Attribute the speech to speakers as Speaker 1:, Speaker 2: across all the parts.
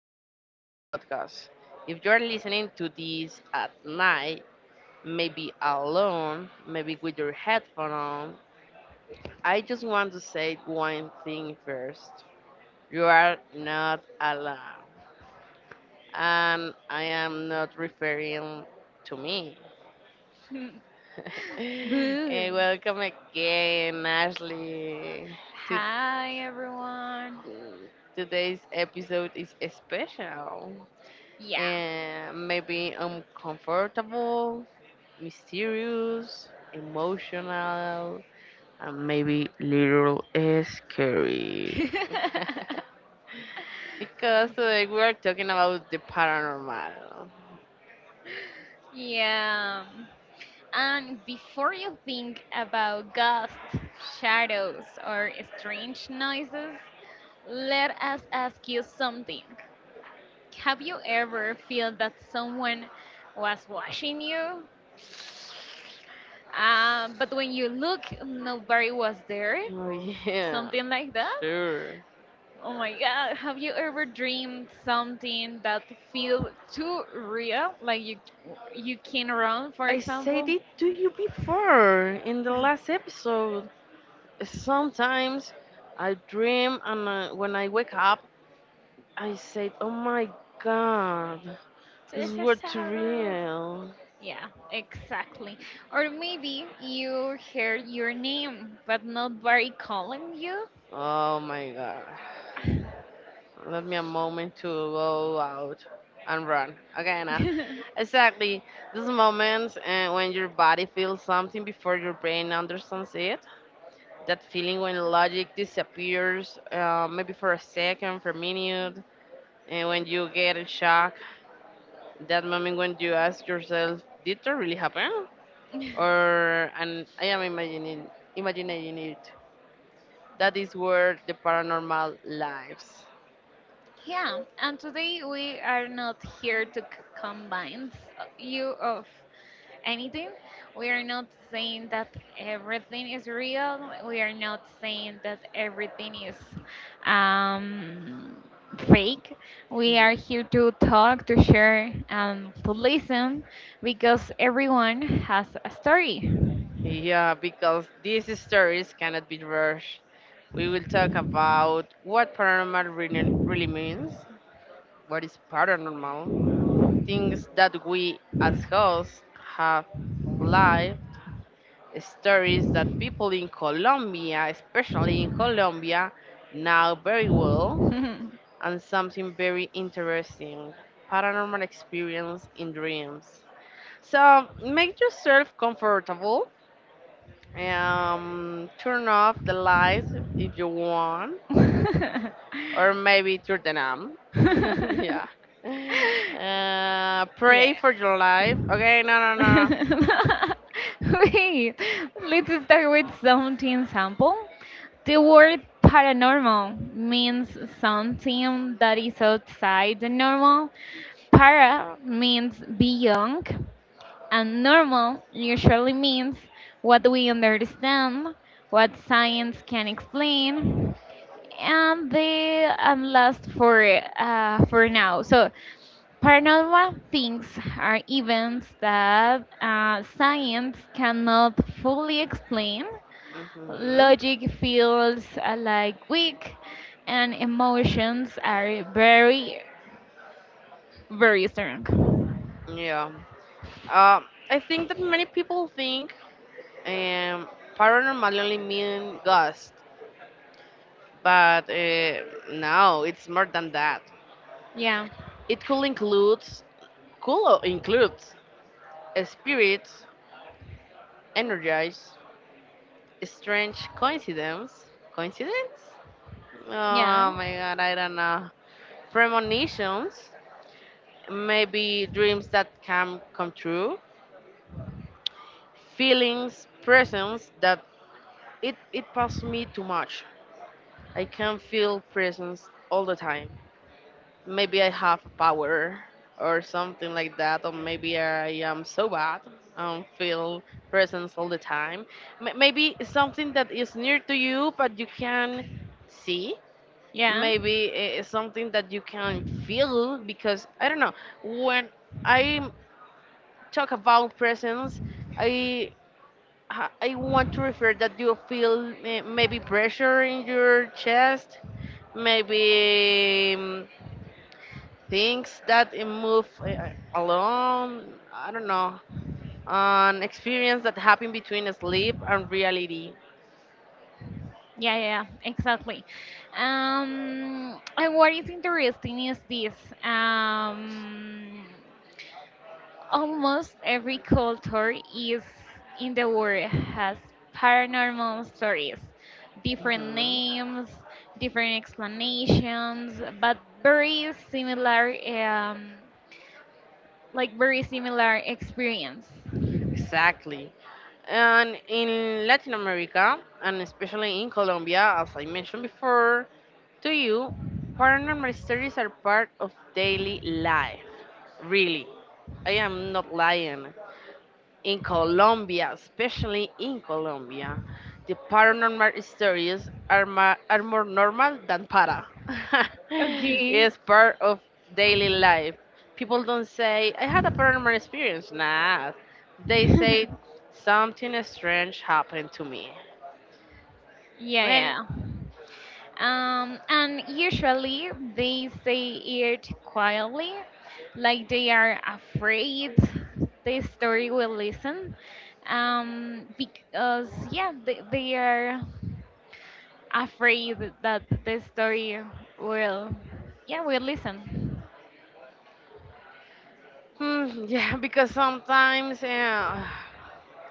Speaker 1: of our podcast. If you're listening to this at night, maybe alone, maybe with your headphone on, I just want to say one thing first. You are not alone, and I am not referring to me.
Speaker 2: Hmm. Boo.
Speaker 1: Hey, welcome again, Ashley. To-
Speaker 2: Hi, everyone.
Speaker 1: Today's episode is special,
Speaker 2: Yeah.
Speaker 1: and maybe uncomfortable, mysterious, emotional, and maybe little scary. Because today we are talking about the paranormal.
Speaker 2: Yeah. And before you think about ghosts, shadows, or strange noises, let us ask you something. Have you ever felt that someone was watching you? But when you look, nobody was there?
Speaker 1: Oh yeah,
Speaker 2: Something like that?
Speaker 1: sure.
Speaker 2: Oh my God, have you ever dreamed something that feel too real? Like you can run, for
Speaker 1: I said
Speaker 2: example?
Speaker 1: it to you before in the last episode. Sometimes I dream and when I wake up, I said, "Oh my God, this
Speaker 2: Yes.
Speaker 1: was too real."
Speaker 2: Yeah, exactly. Or maybe you hear your name, but nobody calling you.
Speaker 1: Oh my god. Let me a moment to go out and run. Okay, now. Exactly. Those moments when your body feels something before your brain understands it. That feeling when logic disappears, maybe for a second, for a minute, and when you get in shock. That moment when you ask yourself, did that really happen? Or, and I am imagining, imagining it. That is where the paranormal lives.
Speaker 2: Yeah, and today we are not here to combine you of anything. We are not saying that everything is real. We are not saying that everything is um, fake. We are here to talk, to share, and to listen because everyone has a story.
Speaker 1: Yeah, because these stories cannot be rushed. We will talk about what paranormal really, really means, what is paranormal, things that we as hosts have live, stories that people in Colombia, especially in Colombia, know very well, and something very interesting paranormal experience in dreams. So make yourself comfortable. Turn off the lights if you want, or maybe turn them on. Yeah.
Speaker 2: Yeah.
Speaker 1: Pray for your life. Okay, no, no,
Speaker 2: Wait, let's start with something simple. The word paranormal means something that is outside the normal. Para means beyond, and normal usually means what we understand, what science can explain, and the and last for now. So paranormal things are events that science cannot fully explain.
Speaker 1: no. Mm-hmm.
Speaker 2: Logic feels like weak, and emotions are very, very strong.
Speaker 1: Yeah. I think that many people think um, paranormal only mean ghost, but no, it's more than that.
Speaker 2: Yeah,
Speaker 1: It could include spirits, energies, strange coincidence. Coincidence? Oh
Speaker 2: yeah,
Speaker 1: my god, I don't know. Premonitions, maybe dreams that can come true, feelings, presence that it passes me too much. I can feel presence all the time. Maybe I have a power or something like that, or maybe I am so bad and feel presence all the time. Maybe something that is near to you but you can see,
Speaker 2: yeah.
Speaker 1: maybe it's something that you can feel because I don't know, when I talk about presence, I I want to refer that you feel eh, maybe pressure in your chest, maybe things that eh, move eh, alone, I don't know, an experience that happened between sleep and reality.
Speaker 2: Yeah, yeah, yeah, exactly. And what is interesting is this. Um, Almost every culture is in the world has paranormal stories, different
Speaker 1: Mhm.
Speaker 2: names, different explanations, but very similar, like very similar experience.
Speaker 1: Exactly. And in Latin America, and especially in Colombia, as I mentioned before to you, paranormal stories are part of daily life. Really. I am not lying. In Colombia, especially in Colombia, the paranormal stories are, are more normal than para.
Speaker 2: Okay.
Speaker 1: It's part of daily life. People don't say, I had a paranormal experience. Nah, they say,
Speaker 2: Yeah,
Speaker 1: something strange happened to me. Eh,
Speaker 2: yeah. And usually they say it quietly, like they are afraid the story will listen. Because, yeah, they are afraid that the story will, yeah, will listen.
Speaker 1: hmm, yeah, because sometimes, eh,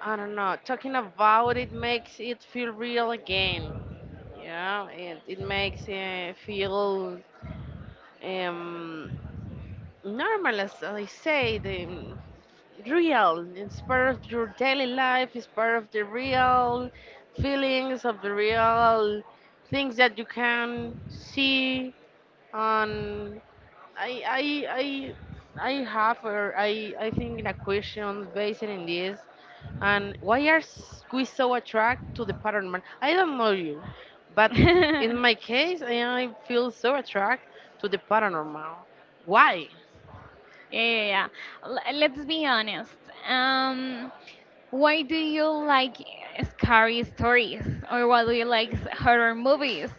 Speaker 1: I don't know, talking about it makes it feel real again. Yeah, it makes it feel um, normal, as I say, the real. It's part of your daily life. It's part of the real feelings of the real things that you can see on. I I I. I have, or I think, a question based in this. And why are we so attracted to the pattern man? I don't know you, but in my case, I feel so attracted to the paranormal. Why?
Speaker 2: Yeah, yeah, yeah. Let's be honest. Um, why do you like scary stories, or why do you like horror movies?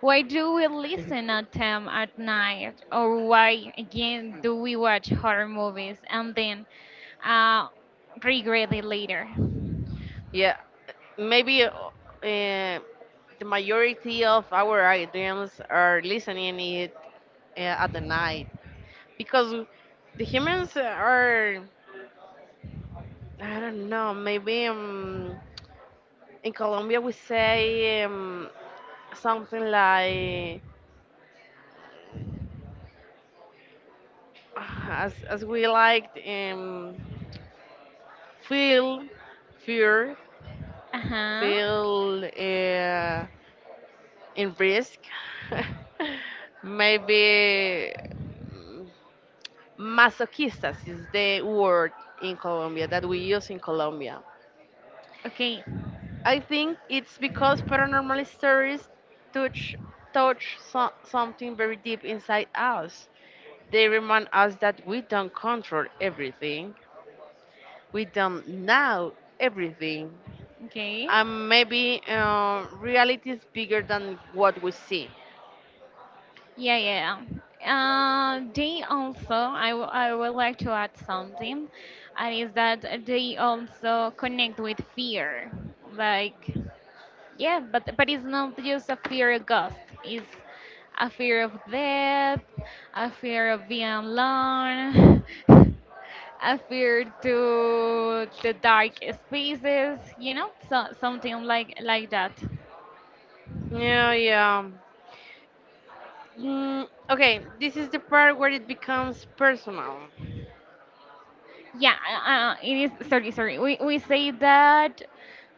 Speaker 2: Why do we listen at them at night, or why again do we watch horror movies and then uh, regret it later?
Speaker 1: Yeah, maybe eh, the majority of our audience are listening it at the night because the humans are I don't know maybe in Colombia we say something like as we like feel fear,
Speaker 2: Uh huh.
Speaker 1: feel in risk maybe masochistas is the word in Colombia that we use in Colombia.
Speaker 2: Okay.
Speaker 1: I think it's because paranormal stories touch touch something very deep inside us. They remind us that we don't control everything. We don't know everything.
Speaker 2: Okay.
Speaker 1: And maybe reality is bigger than what we see.
Speaker 2: Yeah, yeah, yeah. They also, I would like to add something, and is that they also connect with fear. Like, yeah, but it's not just a fear of ghost. It's a fear of death, a fear of being alone, a fear to the dark spaces. You know, so something like that.
Speaker 1: Yeah, yeah. Mm, okay, this is the part where it becomes personal.
Speaker 2: Yeah, it is. Sorry, sorry. We say that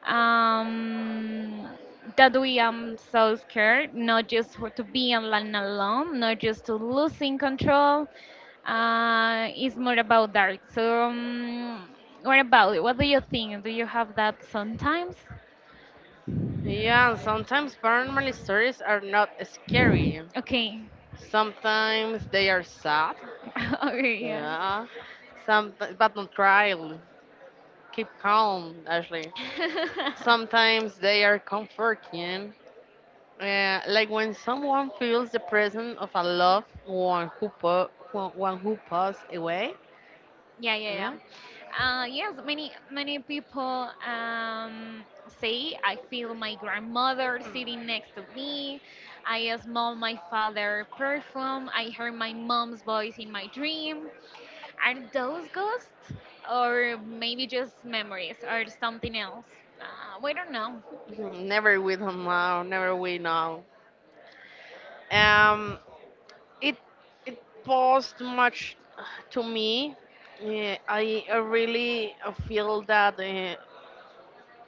Speaker 2: um, that we am so scared, not just for to be alone, alone, not just to losing control. It's more about that. So, what about it? What do you think? Do you have that sometimes?
Speaker 1: Yeah, sometimes paranormal stories are not scary.
Speaker 2: Okay,
Speaker 1: Sometimes they are sad.
Speaker 2: okay, yeah.
Speaker 1: Yeah. Some, but don't cry. Keep calm, Ashley. Sometimes they are comforting. Like when someone feels the presence of a loved one who, one who passed away.
Speaker 2: Yeah, yeah,
Speaker 1: Yeah.
Speaker 2: yeah. Yes, many people say I feel my grandmother sitting next to me. I smell my father perfume. I hear my mom's voice in my dream. Are those ghosts, or maybe just memories, or something else? We don't know.
Speaker 1: Mhm, never we don't know. Never we know. Um, it it posed much to me. Eh, I really feel that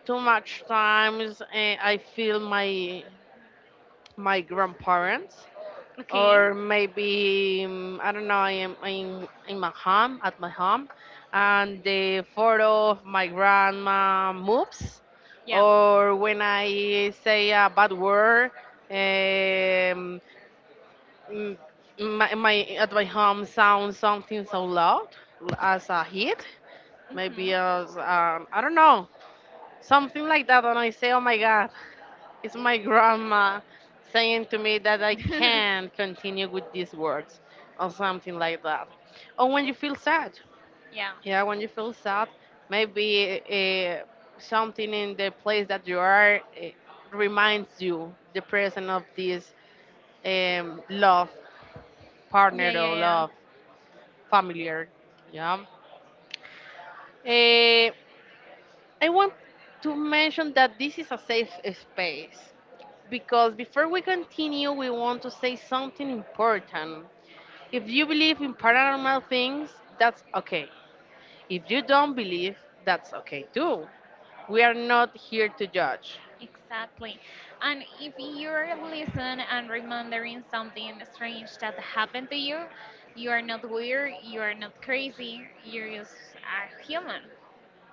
Speaker 1: too much times I feel my grandparents,
Speaker 2: Okay.
Speaker 1: or maybe I don't know, I'm in my home at my home and the photo of my grandma moves,
Speaker 2: Yeah.
Speaker 1: or when I say a bad word, um, mm, my at my home sounds something so loud, as a hit, maybe as I don't know, something like that, and I say, oh my God, it's my grandma saying to me that I
Speaker 2: Hmm.
Speaker 1: can't continue with these words or something like that. Or when you feel sad,
Speaker 2: Yeah.
Speaker 1: yeah, when you feel sad, maybe something in the place that you are reminds you the presence of this love partner
Speaker 2: Yeah, yeah,
Speaker 1: or
Speaker 2: yeah.
Speaker 1: love familiar. Yeah. Eh, I want to mention that this is a safe space because before we continue, we want to say something important. If you believe in paranormal things, that's okay. If you don't believe, that's okay too. We are not here to judge.
Speaker 2: Exactly. And if you're listening and remembering something strange that happened to you, you are not weird, you are not crazy, you're just a human.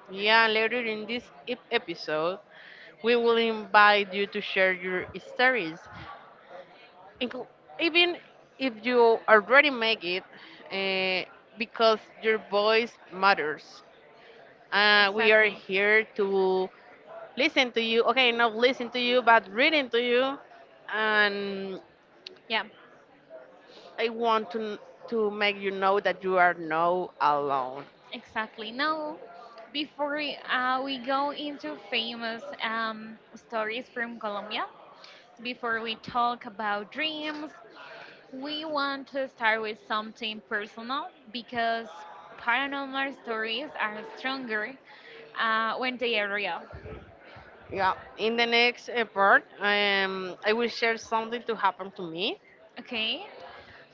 Speaker 1: Yeah, later in this episode, we will invite you to share your stories. Inclu- Even if you already make it, uh, because your voice matters. We are
Speaker 2: Exactly.
Speaker 1: here to listen to you, okay, not listen to you but reading to you, and
Speaker 2: Yeah,
Speaker 1: I want to make you know that you are not alone.
Speaker 2: exactly. Now, before we go into famous stories from Colombia, before we talk about dreams, we want to start with something personal because paranormal stories are stronger when they are real.
Speaker 1: Yeah, in the next part, I will share something to happen to me,
Speaker 2: Okay?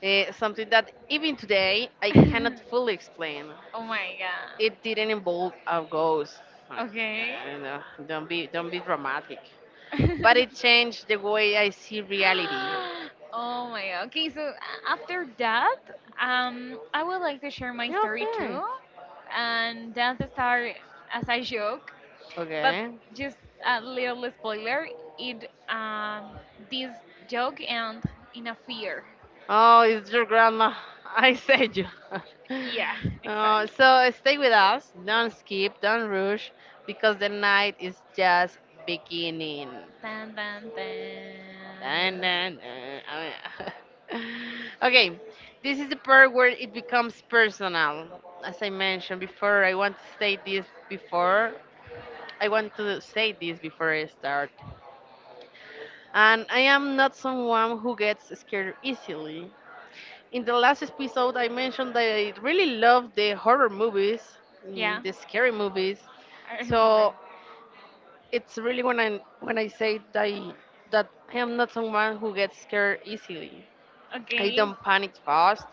Speaker 1: something that even today I
Speaker 2: Oh
Speaker 1: cannot fully explain.
Speaker 2: my God.
Speaker 1: It didn't involve a ghost. Okay,
Speaker 2: Okay.
Speaker 1: no, don't be dramatic. But it changed the way I see reality.
Speaker 2: Oh my God. Okay, so after that, I would like to share my
Speaker 1: Yeah,
Speaker 2: story
Speaker 1: okay.
Speaker 2: too. And that's the start as a joke. But
Speaker 1: Okay.
Speaker 2: just a little spoiler, it this joke and in a fear.
Speaker 1: Oh, it's your grandma. I said you.
Speaker 2: Yeah, exactly.
Speaker 1: So stay with us. Don't skip. Don't rush, because the night is just beginning.
Speaker 2: Dun dun
Speaker 1: And
Speaker 2: dun.
Speaker 1: then, na. Okay, this is the part where it becomes personal. As I mentioned before, I want to say this before. I want to say this before I start. And I am not someone who gets scared easily. In the last episode, I mentioned that I really love the horror movies, mm,
Speaker 2: Yeah,
Speaker 1: the scary movies.
Speaker 2: I remember
Speaker 1: So
Speaker 2: it.
Speaker 1: it's really when I say that that I am not someone who gets scared easily. I
Speaker 2: Okay.
Speaker 1: don't panic fast,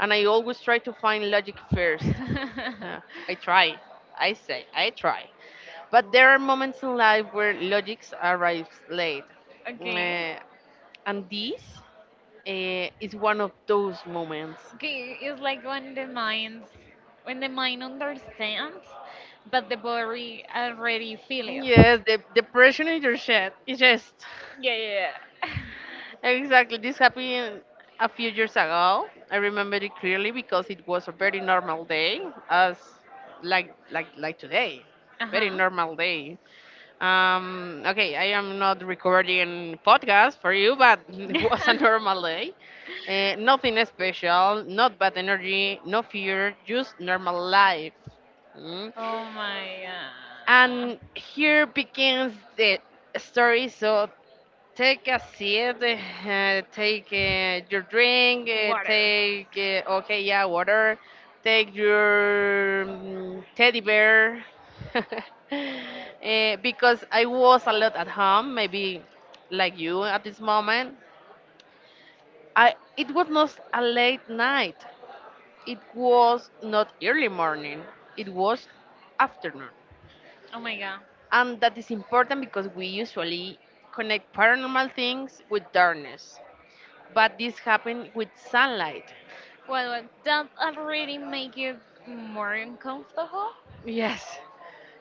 Speaker 1: and I always try to find logic first. Huh, I try. I say, I try. But there are moments in life where logics arrives late.
Speaker 2: Okay.
Speaker 1: Uh, and this is one of those moments.
Speaker 2: Okay, it's like when the minds when the mind understands, but the body already feel it.
Speaker 1: Yes, the depression is your shit. It's just.
Speaker 2: Yeah, yeah,
Speaker 1: Exactly. This happened a few years ago. I remember it clearly because it was a very normal day, as like today. Very
Speaker 2: yeah.
Speaker 1: normal day. Okay, I am not recording podcast for you, but
Speaker 2: uh
Speaker 1: it was a
Speaker 2: huh.
Speaker 1: normal day. Eh, nothing special, not bad energy, no fear, just normal life. Mm.
Speaker 2: Oh my God.
Speaker 1: And here begins the story. So take a seat, take your drink,
Speaker 2: Water.
Speaker 1: take, okay, yeah, water, take your mm, teddy bear. Eh, because I was a lot at home, maybe like you at this moment. I It was not a late night, it was not early morning, it was afternoon.
Speaker 2: Oh my God.
Speaker 1: And that is important because we usually connect paranormal things with darkness, but this happened with sunlight.
Speaker 2: Well, that already make you more uncomfortable.
Speaker 1: Yes,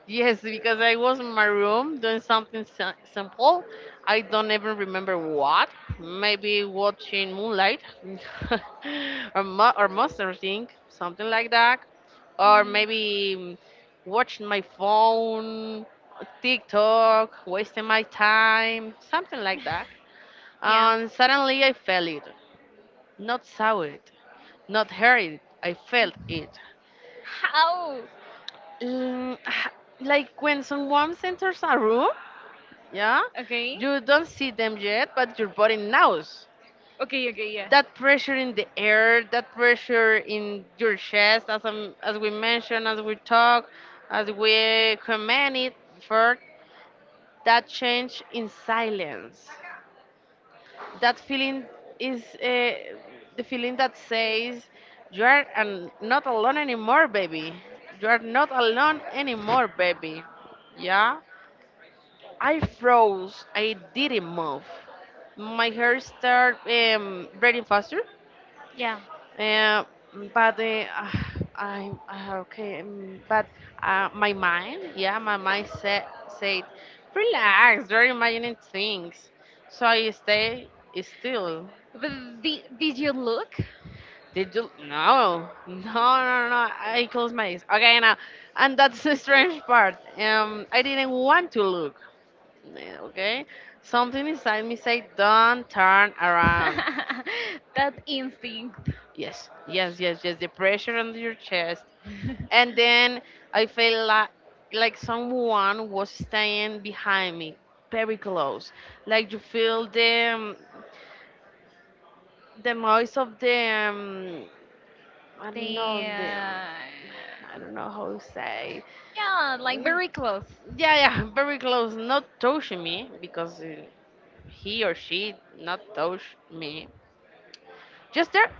Speaker 1: yes, because I was in my room doing something simple. I don't even remember what. Maybe watching moonlight or, or Monster Inc., something like that. Or
Speaker 2: Mm.
Speaker 1: maybe mm, watching my phone, TikTok, wasting my time, something like that.
Speaker 2: Yeah.
Speaker 1: And suddenly I felt it. Not saw it, not heard it. I felt it.
Speaker 2: How?
Speaker 1: Mm, h- like when someone enters a room, yeah,
Speaker 2: Okay.
Speaker 1: you don't see them yet, but your body knows.
Speaker 2: Okay, okay, yeah.
Speaker 1: That pressure in the air, that pressure in your chest, as I'm, as we mentioned, as we talk, as we comment it before, that change in silence. That feeling is the feeling that says you are an, not alone anymore, baby. You are not alone anymore, baby. Yeah. I froze. I didn't move. My hair started breathing faster.
Speaker 2: Yeah.
Speaker 1: Uh, but I okay, but my mind, yeah, my mind said, relax. You're imagining things. So I stay still.
Speaker 2: But did you look?
Speaker 1: Did you? No, no, no, no. I closed my eyes. Okay, now, and that's the strange part. I didn't want to look. Yeah, okay, something inside me say, "Don't turn around."
Speaker 2: That instinct.
Speaker 1: Yes, yes, yes, yes. The pressure on your chest, and then I feel like someone was staying behind me, very close. Like you feel the noise of the I don't
Speaker 2: the
Speaker 1: know the I don't know how to say.
Speaker 2: yeah, like
Speaker 1: Mm,
Speaker 2: very close.
Speaker 1: yeah, yeah, very close. Not touching me because he or she not touch me just there.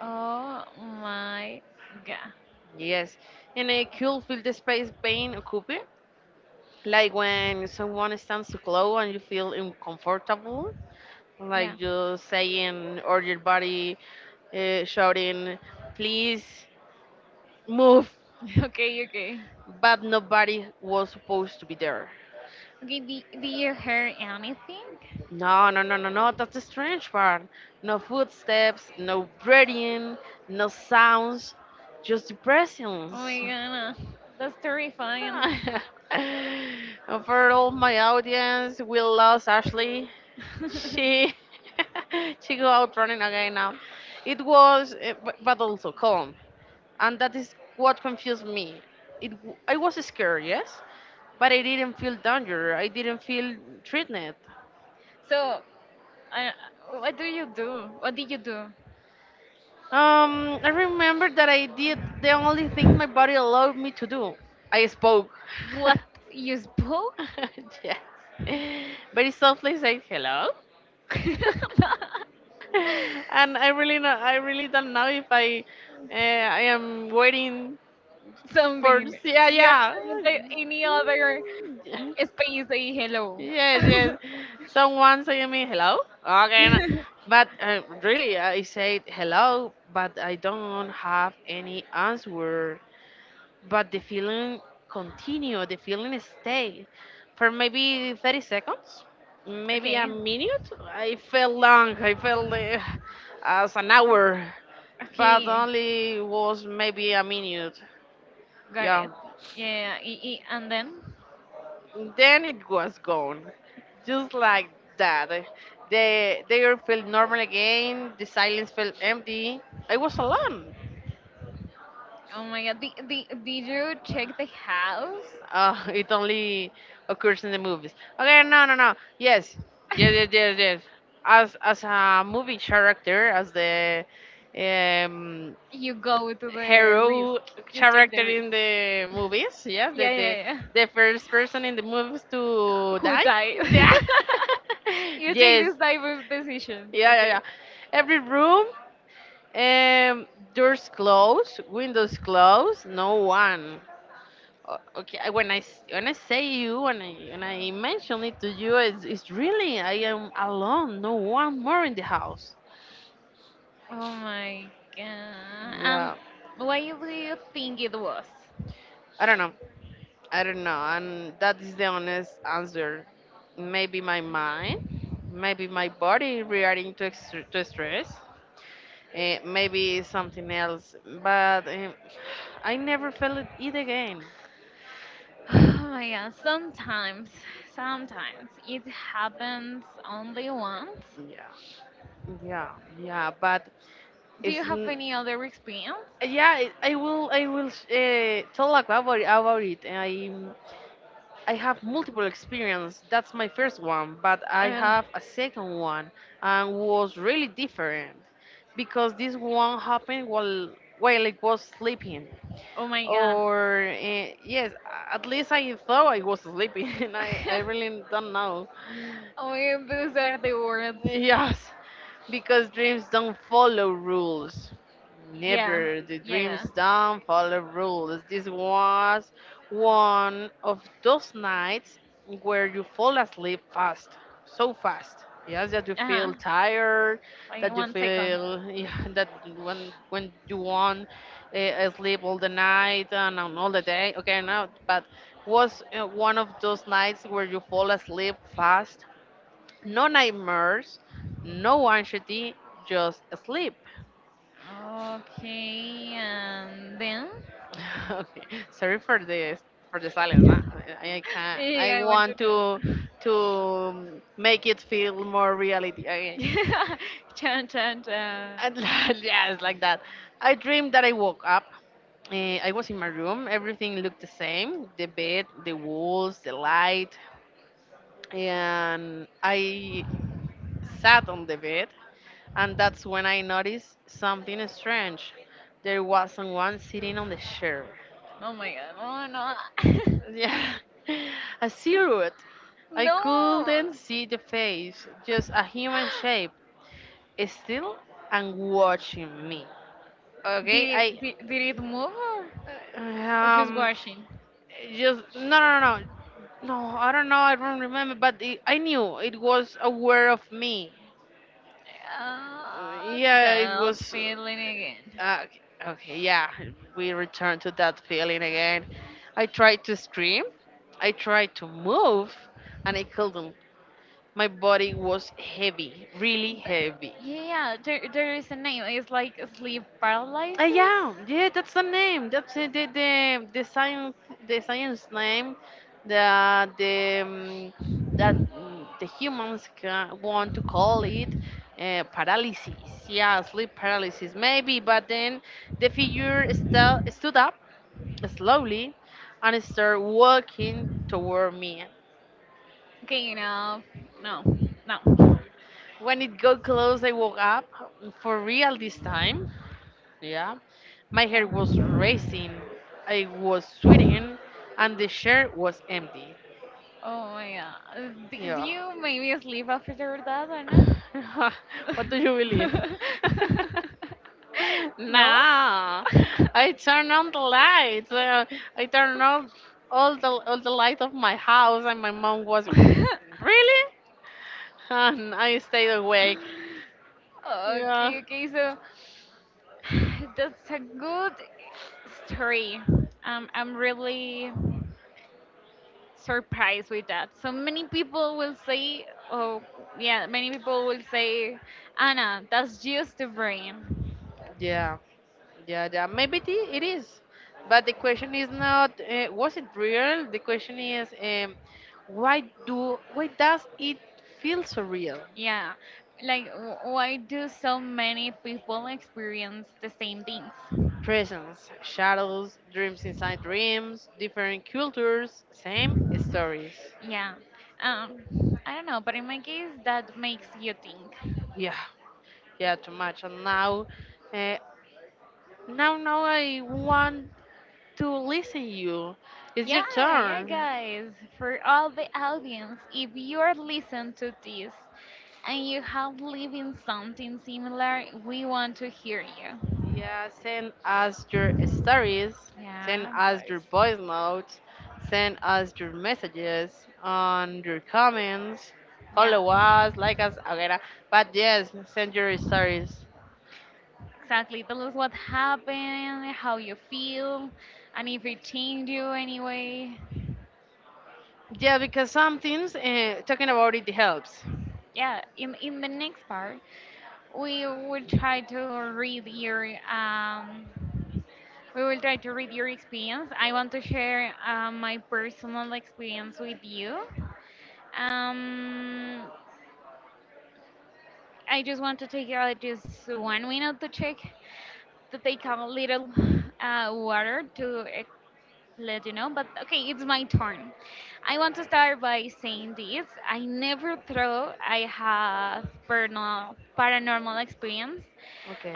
Speaker 2: Oh my God.
Speaker 1: Yes, and it could feel the space being occupied, like when someone stands too close and you feel uncomfortable,
Speaker 2: Yeah.
Speaker 1: like you saying or your body shouting, "Please move,"
Speaker 2: Okay, okay.
Speaker 1: but nobody was supposed to be there.
Speaker 2: Okay, do you hear anything?
Speaker 1: No, no, no, no, no. That's the strange part. No footsteps, no breathing, no sounds, just the
Speaker 2: Oh my
Speaker 1: presence.
Speaker 2: God, that's terrifying.
Speaker 1: For all my audience, we lost Ashley. She she go out running again now. It was, but also calm, and that is what confused me. I was scared, yes, but I didn't feel danger. I didn't feel threatened.
Speaker 2: So, I, what do you do? What did you do?
Speaker 1: I remember that I did the only thing my body allowed me to do. I spoke.
Speaker 2: What? You spoke?
Speaker 1: Yes. Very softly said hello. And I really know, I really don't know if I I am waiting for.
Speaker 2: Something.
Speaker 1: Yeah,
Speaker 2: You are
Speaker 1: yeah.
Speaker 2: in any other
Speaker 1: Mm,
Speaker 2: space say hello.
Speaker 1: yes, yes, someone saying me hello, okay, no. But really I said hello but I don't have any answer, but the feeling continue, the feeling stay for maybe 30 seconds, maybe a
Speaker 2: Okay,
Speaker 1: minute. I felt long, I felt as an hour, but
Speaker 2: okay,
Speaker 1: only was maybe a minute.
Speaker 2: got
Speaker 1: Yeah,
Speaker 2: it. Yeah, yeah, yeah. And then?
Speaker 1: then it was gone, just like that. The air felt normal again, the silence felt empty, I was alone.
Speaker 2: Oh my God, did you check the house?
Speaker 1: Oh, it only occurs in the movies. Okay, no, no, no. Yes, yes, yes, yes, yes. As a movie character, as the um,
Speaker 2: You go to the risk.
Speaker 1: hero
Speaker 2: You take
Speaker 1: character
Speaker 2: the risk.
Speaker 1: in the movies, yeah, the
Speaker 2: Yeah, yeah,
Speaker 1: the
Speaker 2: yeah.
Speaker 1: the first person in the movies to
Speaker 2: Who
Speaker 1: die.
Speaker 2: died?
Speaker 1: Yeah.
Speaker 2: You take
Speaker 1: Yes.
Speaker 2: this type of decision.
Speaker 1: Yeah, yeah,
Speaker 2: Okay.
Speaker 1: yeah. Every room, um, doors closed, windows closed, no one. Okay when when I say you, when I mention it to you, it's really I am alone, no one more in the house.
Speaker 2: Oh my God. Um,
Speaker 1: Yeah,
Speaker 2: why do you think it was?
Speaker 1: I don't know, I don't know, and that is the honest answer. Maybe my mind, maybe my body reacting to, extr to stress, maybe something else. But I never felt it again.
Speaker 2: Oh my God. Sometimes, it happens only once.
Speaker 1: Yeah, yeah, yeah, but
Speaker 2: Do you
Speaker 1: it's
Speaker 2: have any other experience?
Speaker 1: yeah, I will. I will tell like about it. I have multiple experience. That's my first one, but I
Speaker 2: Uh,
Speaker 1: have a second one, and was really different because this one happened while I was sleeping.
Speaker 2: oh my God.
Speaker 1: Or yes, at least I thought I was sleeping, I really don't know.
Speaker 2: Oh, my God, those are the words.
Speaker 1: Yes. Because dreams don't follow rules.
Speaker 2: Yeah,
Speaker 1: Never. The dreams
Speaker 2: yeah.
Speaker 1: don't follow rules. This was one of those nights where you fall asleep fast, so fast. Yes, that you
Speaker 2: Uh huh.
Speaker 1: feel tired,
Speaker 2: Wait
Speaker 1: that you
Speaker 2: one second.
Speaker 1: feel yeah, that when you want sleep all the night and on all the day. Okay, now, but was one of those nights where you fall asleep fast, no nightmares, no anxiety, just sleep.
Speaker 2: Okay, and then?
Speaker 1: Okay. Sorry for this, for the silence. Nah, I can't. I
Speaker 2: Yeah, I want to
Speaker 1: want
Speaker 2: know.
Speaker 1: to make it feel more reality. Okay.
Speaker 2: Chan, chan, chan.
Speaker 1: And yeah, it's like that. I dreamed that I woke up. Eh, I was in my room. Everything looked the same: the bed, the walls, the light. And I sat on the bed and that's when I noticed something strange. There was someone sitting on the chair.
Speaker 2: Oh my God, oh no.
Speaker 1: Yeah, a silhouette. I
Speaker 2: No!
Speaker 1: couldn't see the face, just a human shape, still and watching me. Okay,
Speaker 2: Did
Speaker 1: I
Speaker 2: it, did, did it move or just
Speaker 1: um
Speaker 2: washing?
Speaker 1: just, no, no, no, no, no, I don't know, I don't remember, but it, I knew it was aware of me.
Speaker 2: Uh,
Speaker 1: Yeah, it
Speaker 2: that
Speaker 1: was.
Speaker 2: feeling again.
Speaker 1: Uh, uh, okay, yeah, we return to that feeling again. I tried to scream, I tried to move, and I couldn't. My body was heavy, really
Speaker 2: That-
Speaker 1: heavy.
Speaker 2: yeah, there is a name. It's like sleep paralysis.
Speaker 1: Yeah, yeah, that's the name. That's it, the science, the science name that the that the humans ca want to call it paralysis. Yeah, sleep paralysis maybe. But then the figure stu stood up slowly and started walking toward me.
Speaker 2: Okay, no, no, no.
Speaker 1: When it got close, I woke up for real this time. Yeah. My hair
Speaker 2: Yeah.
Speaker 1: was racing. I was sweating and the chair was empty.
Speaker 2: Oh my God. Do
Speaker 1: Yeah.
Speaker 2: you maybe sleep after that, Anna?
Speaker 1: What do you believe?
Speaker 2: No?
Speaker 1: Nah. I turned on the lights. I turned on all the light of my house and my mom was really?
Speaker 2: Okay,
Speaker 1: And I stayed awake. Yeah.
Speaker 2: okay, so that's a good story. I'm really surprised with that. So many people will say, oh, yeah, many people will say, Anna, that's just the brain.
Speaker 1: Yeah. Yeah, yeah, maybe it is. But the question is not was it real? The question is why does it feel so real?
Speaker 2: Yeah, like why do so many people experience the same things?
Speaker 1: Presence, shadows, dreams inside dreams, different cultures, same stories.
Speaker 2: Yeah, I don't know, but in my case, that makes you think.
Speaker 1: Yeah, yeah, too much. And now, uh, now I want to listen you. It's your
Speaker 2: Yeah, yeah,
Speaker 1: turn.
Speaker 2: guys, for all the audience, if you are listening to this and you have lived in something similar, we want to hear you.
Speaker 1: Yeah, send us your stories, send
Speaker 2: Yeah,
Speaker 1: us your
Speaker 2: guys.
Speaker 1: voice notes, send us your messages on your comments,
Speaker 2: Yeah,
Speaker 1: follow us, like us, etc. But yes, send your stories.
Speaker 2: exactly. Tell us what happened, how you feel, and if it changed you anyway.
Speaker 1: Yeah, because some things talking about it helps.
Speaker 2: Yeah, in the next part we will try to read your um we will try to read your experience. I want to share my personal experience with you. um I just want to take out just one minute to take a little water to let you know. But okay, it's my turn. I want to start by saying this. I never thought I had paranormal experience.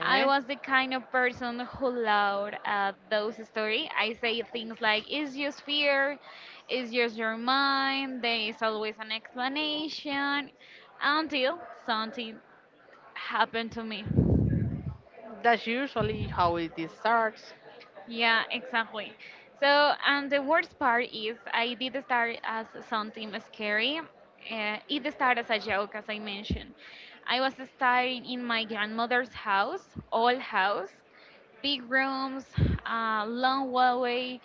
Speaker 2: I was the kind of person who loved those stories. I say things like, it's just fear, it's just your mind, there is always an explanation, until something happened to me.
Speaker 1: That's usually how it starts.
Speaker 2: Yeah, exactly. So, and the worst part is I did start as something scary. It started as a joke, as I mentioned. I was starting in my grandmother's house, old house, big rooms, long hallway,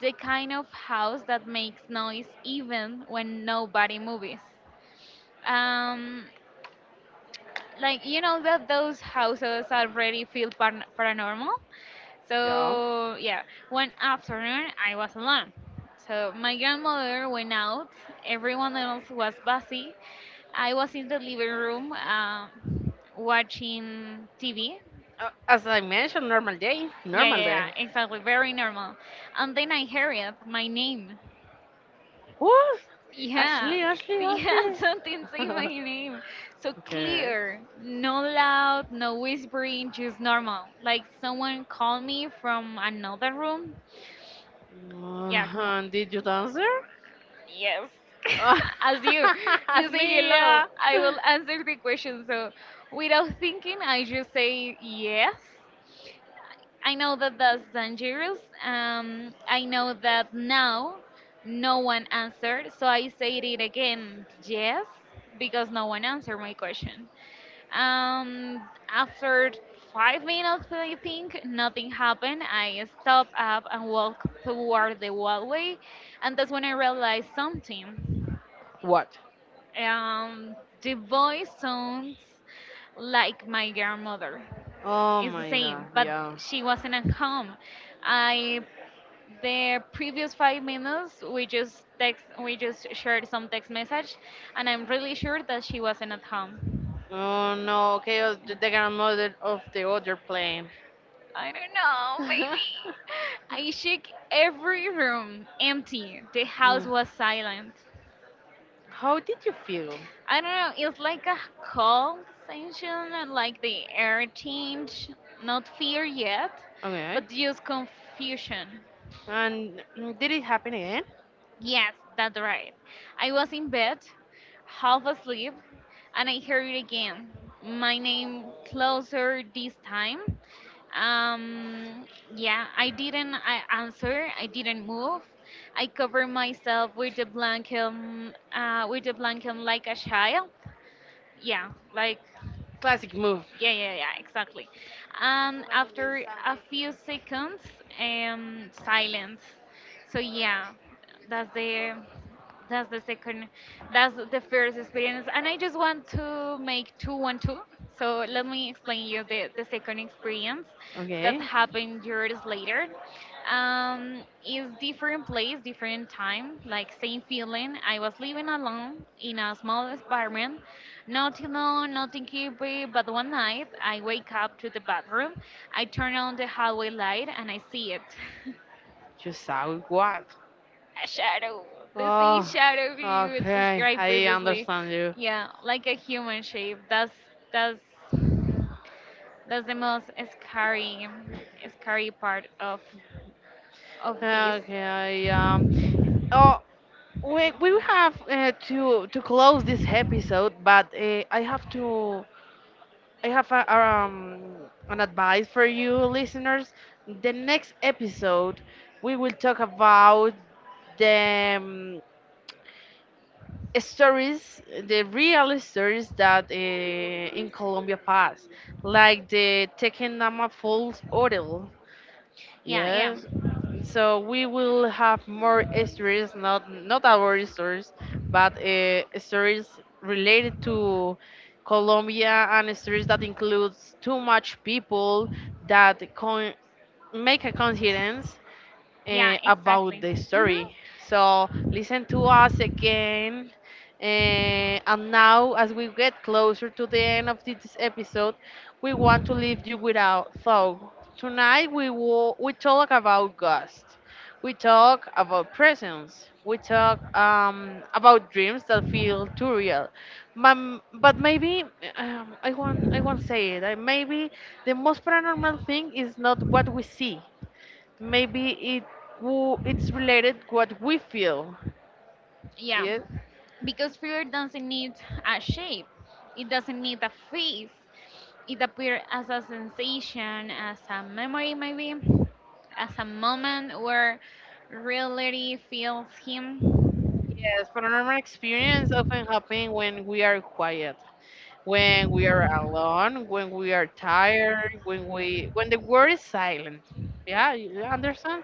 Speaker 2: the kind of house that makes noise even when nobody moves. Um, like you know that those houses already feel paranormal.
Speaker 1: Yeah.
Speaker 2: So yeah, one afternoon I was alone, so my grandmother went out. Everyone else was busy. I was in the living room, watching TV.
Speaker 1: As I mentioned, normal day.
Speaker 2: Yeah, yeah,
Speaker 1: Normal day.
Speaker 2: yeah, exactly, very normal. And then I heard my name.
Speaker 1: What?
Speaker 2: Yeah,
Speaker 1: Ashley, Ashley,
Speaker 2: yeah,
Speaker 1: Ashley.
Speaker 2: something say my name. So
Speaker 1: Okay.
Speaker 2: clear, no loud, no whispering, just normal. Like someone called me from another room. Yeah, come on.
Speaker 1: Did you dance there?
Speaker 2: Yes. As you say
Speaker 1: Ashley,
Speaker 2: hello.
Speaker 1: yeah.
Speaker 2: I will answer the question. So without thinking, I just say yes. I know that that's dangerous. I know that now no one answered, so I said it again, yes, because no one answered my question. Um, After 5 minutes, I think nothing happened. I stopped up and walked toward the hallway, and that's when I realized something.
Speaker 1: What?
Speaker 2: Um, the voice sounds like my grandmother.
Speaker 1: Oh
Speaker 2: It's the
Speaker 1: my
Speaker 2: same,
Speaker 1: god,
Speaker 2: but
Speaker 1: yeah.
Speaker 2: she wasn't at home. I The previous 5 minutes we just shared some text message, and I'm really sure that she wasn't at home.
Speaker 1: Oh no, okay, the grandmother of the other plane.
Speaker 2: I don't know, maybe. I shook every room, empty. The house
Speaker 1: Mm.
Speaker 2: was silent.
Speaker 1: How did you feel?
Speaker 2: I don't know, it's like a cold sensation, and like the air change. Not fear yet,
Speaker 1: Okay.
Speaker 2: but just confusion.
Speaker 1: And mm, did it happen again?
Speaker 2: Yes, that's right. I was in bed, half asleep, and I heard it again. My name closer this time. Um, yeah, I didn't I answer. I didn't move. I covered myself with the blanket like a child. Yeah, like
Speaker 1: Classic move.
Speaker 2: yeah, yeah, yeah, exactly. And after a few seconds, silence. So yeah, that's the that's the second that's the first experience, and I just want to make two one two. So let me explain you the second experience that
Speaker 1: Okay.
Speaker 2: happened years later. Is different place, different time, like same feeling. I was living alone in a small apartment, not alone, nothing creepy. But one night I wake up to the bathroom. I turn on the hallway light, and I see it.
Speaker 1: You saw what?
Speaker 2: A shadow, the same
Speaker 1: Oh,
Speaker 2: shadow you
Speaker 1: okay.
Speaker 2: described
Speaker 1: I
Speaker 2: previously.
Speaker 1: understand you.
Speaker 2: Yeah, like a human shape. That's that's the most scary, scary part of this.
Speaker 1: Okay, I um. Oh, we have to close this episode, but I have a, an advice for you listeners. The next episode we will talk about the stories, the real stories that in Colombia pass, like the Tequendama Falls Hotel.
Speaker 2: Yeah, yeah,
Speaker 1: Yes. So we will have more stories, not not our stories, but stories related to Colombia and stories that includes too much people that con- make a coincidence
Speaker 2: yeah,
Speaker 1: about
Speaker 2: exactly.
Speaker 1: the
Speaker 2: Hmm.
Speaker 1: story. So listen to us again. Eh, and now, as we get closer to the end of this episode, we want to leave you with a thought. Tonight, we talk about ghosts. We talk about presence. We talk about dreams that feel too real. Mum, but maybe I won't say it. Maybe the most paranormal thing is not what we see. Maybe it it's related what we feel.
Speaker 2: Yeah,
Speaker 1: Yes,
Speaker 2: because fear doesn't need a shape. It doesn't need a face. It appears as a sensation, as a memory, maybe, as a moment where reality fills him.
Speaker 1: yes. Paranormal experience often happen when we are quiet, when we are alone, when we are tired, when the world is silent. Yeah, you understand?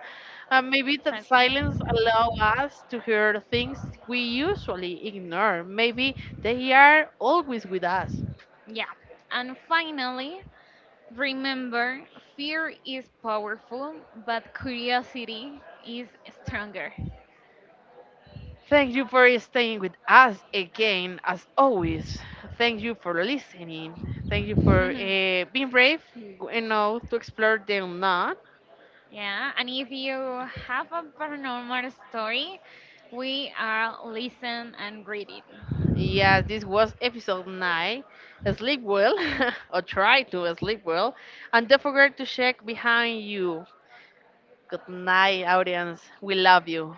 Speaker 1: Maybe that silence
Speaker 2: Exactly.
Speaker 1: allow us to hear things we usually ignore. Maybe they are always with us.
Speaker 2: Yeah. And finally, remember fear is powerful, but curiosity is stronger.
Speaker 1: Thank you for staying with us again, as always. Thank you for listening. Thank you for being brave, you know, to explore the unknown.
Speaker 2: Yeah. And if you have a paranormal story, we are listen and read it.
Speaker 1: Yes, this was episode 9. Sleep well, or try to sleep well. And don't forget to check behind you. Good night, audience. We love you.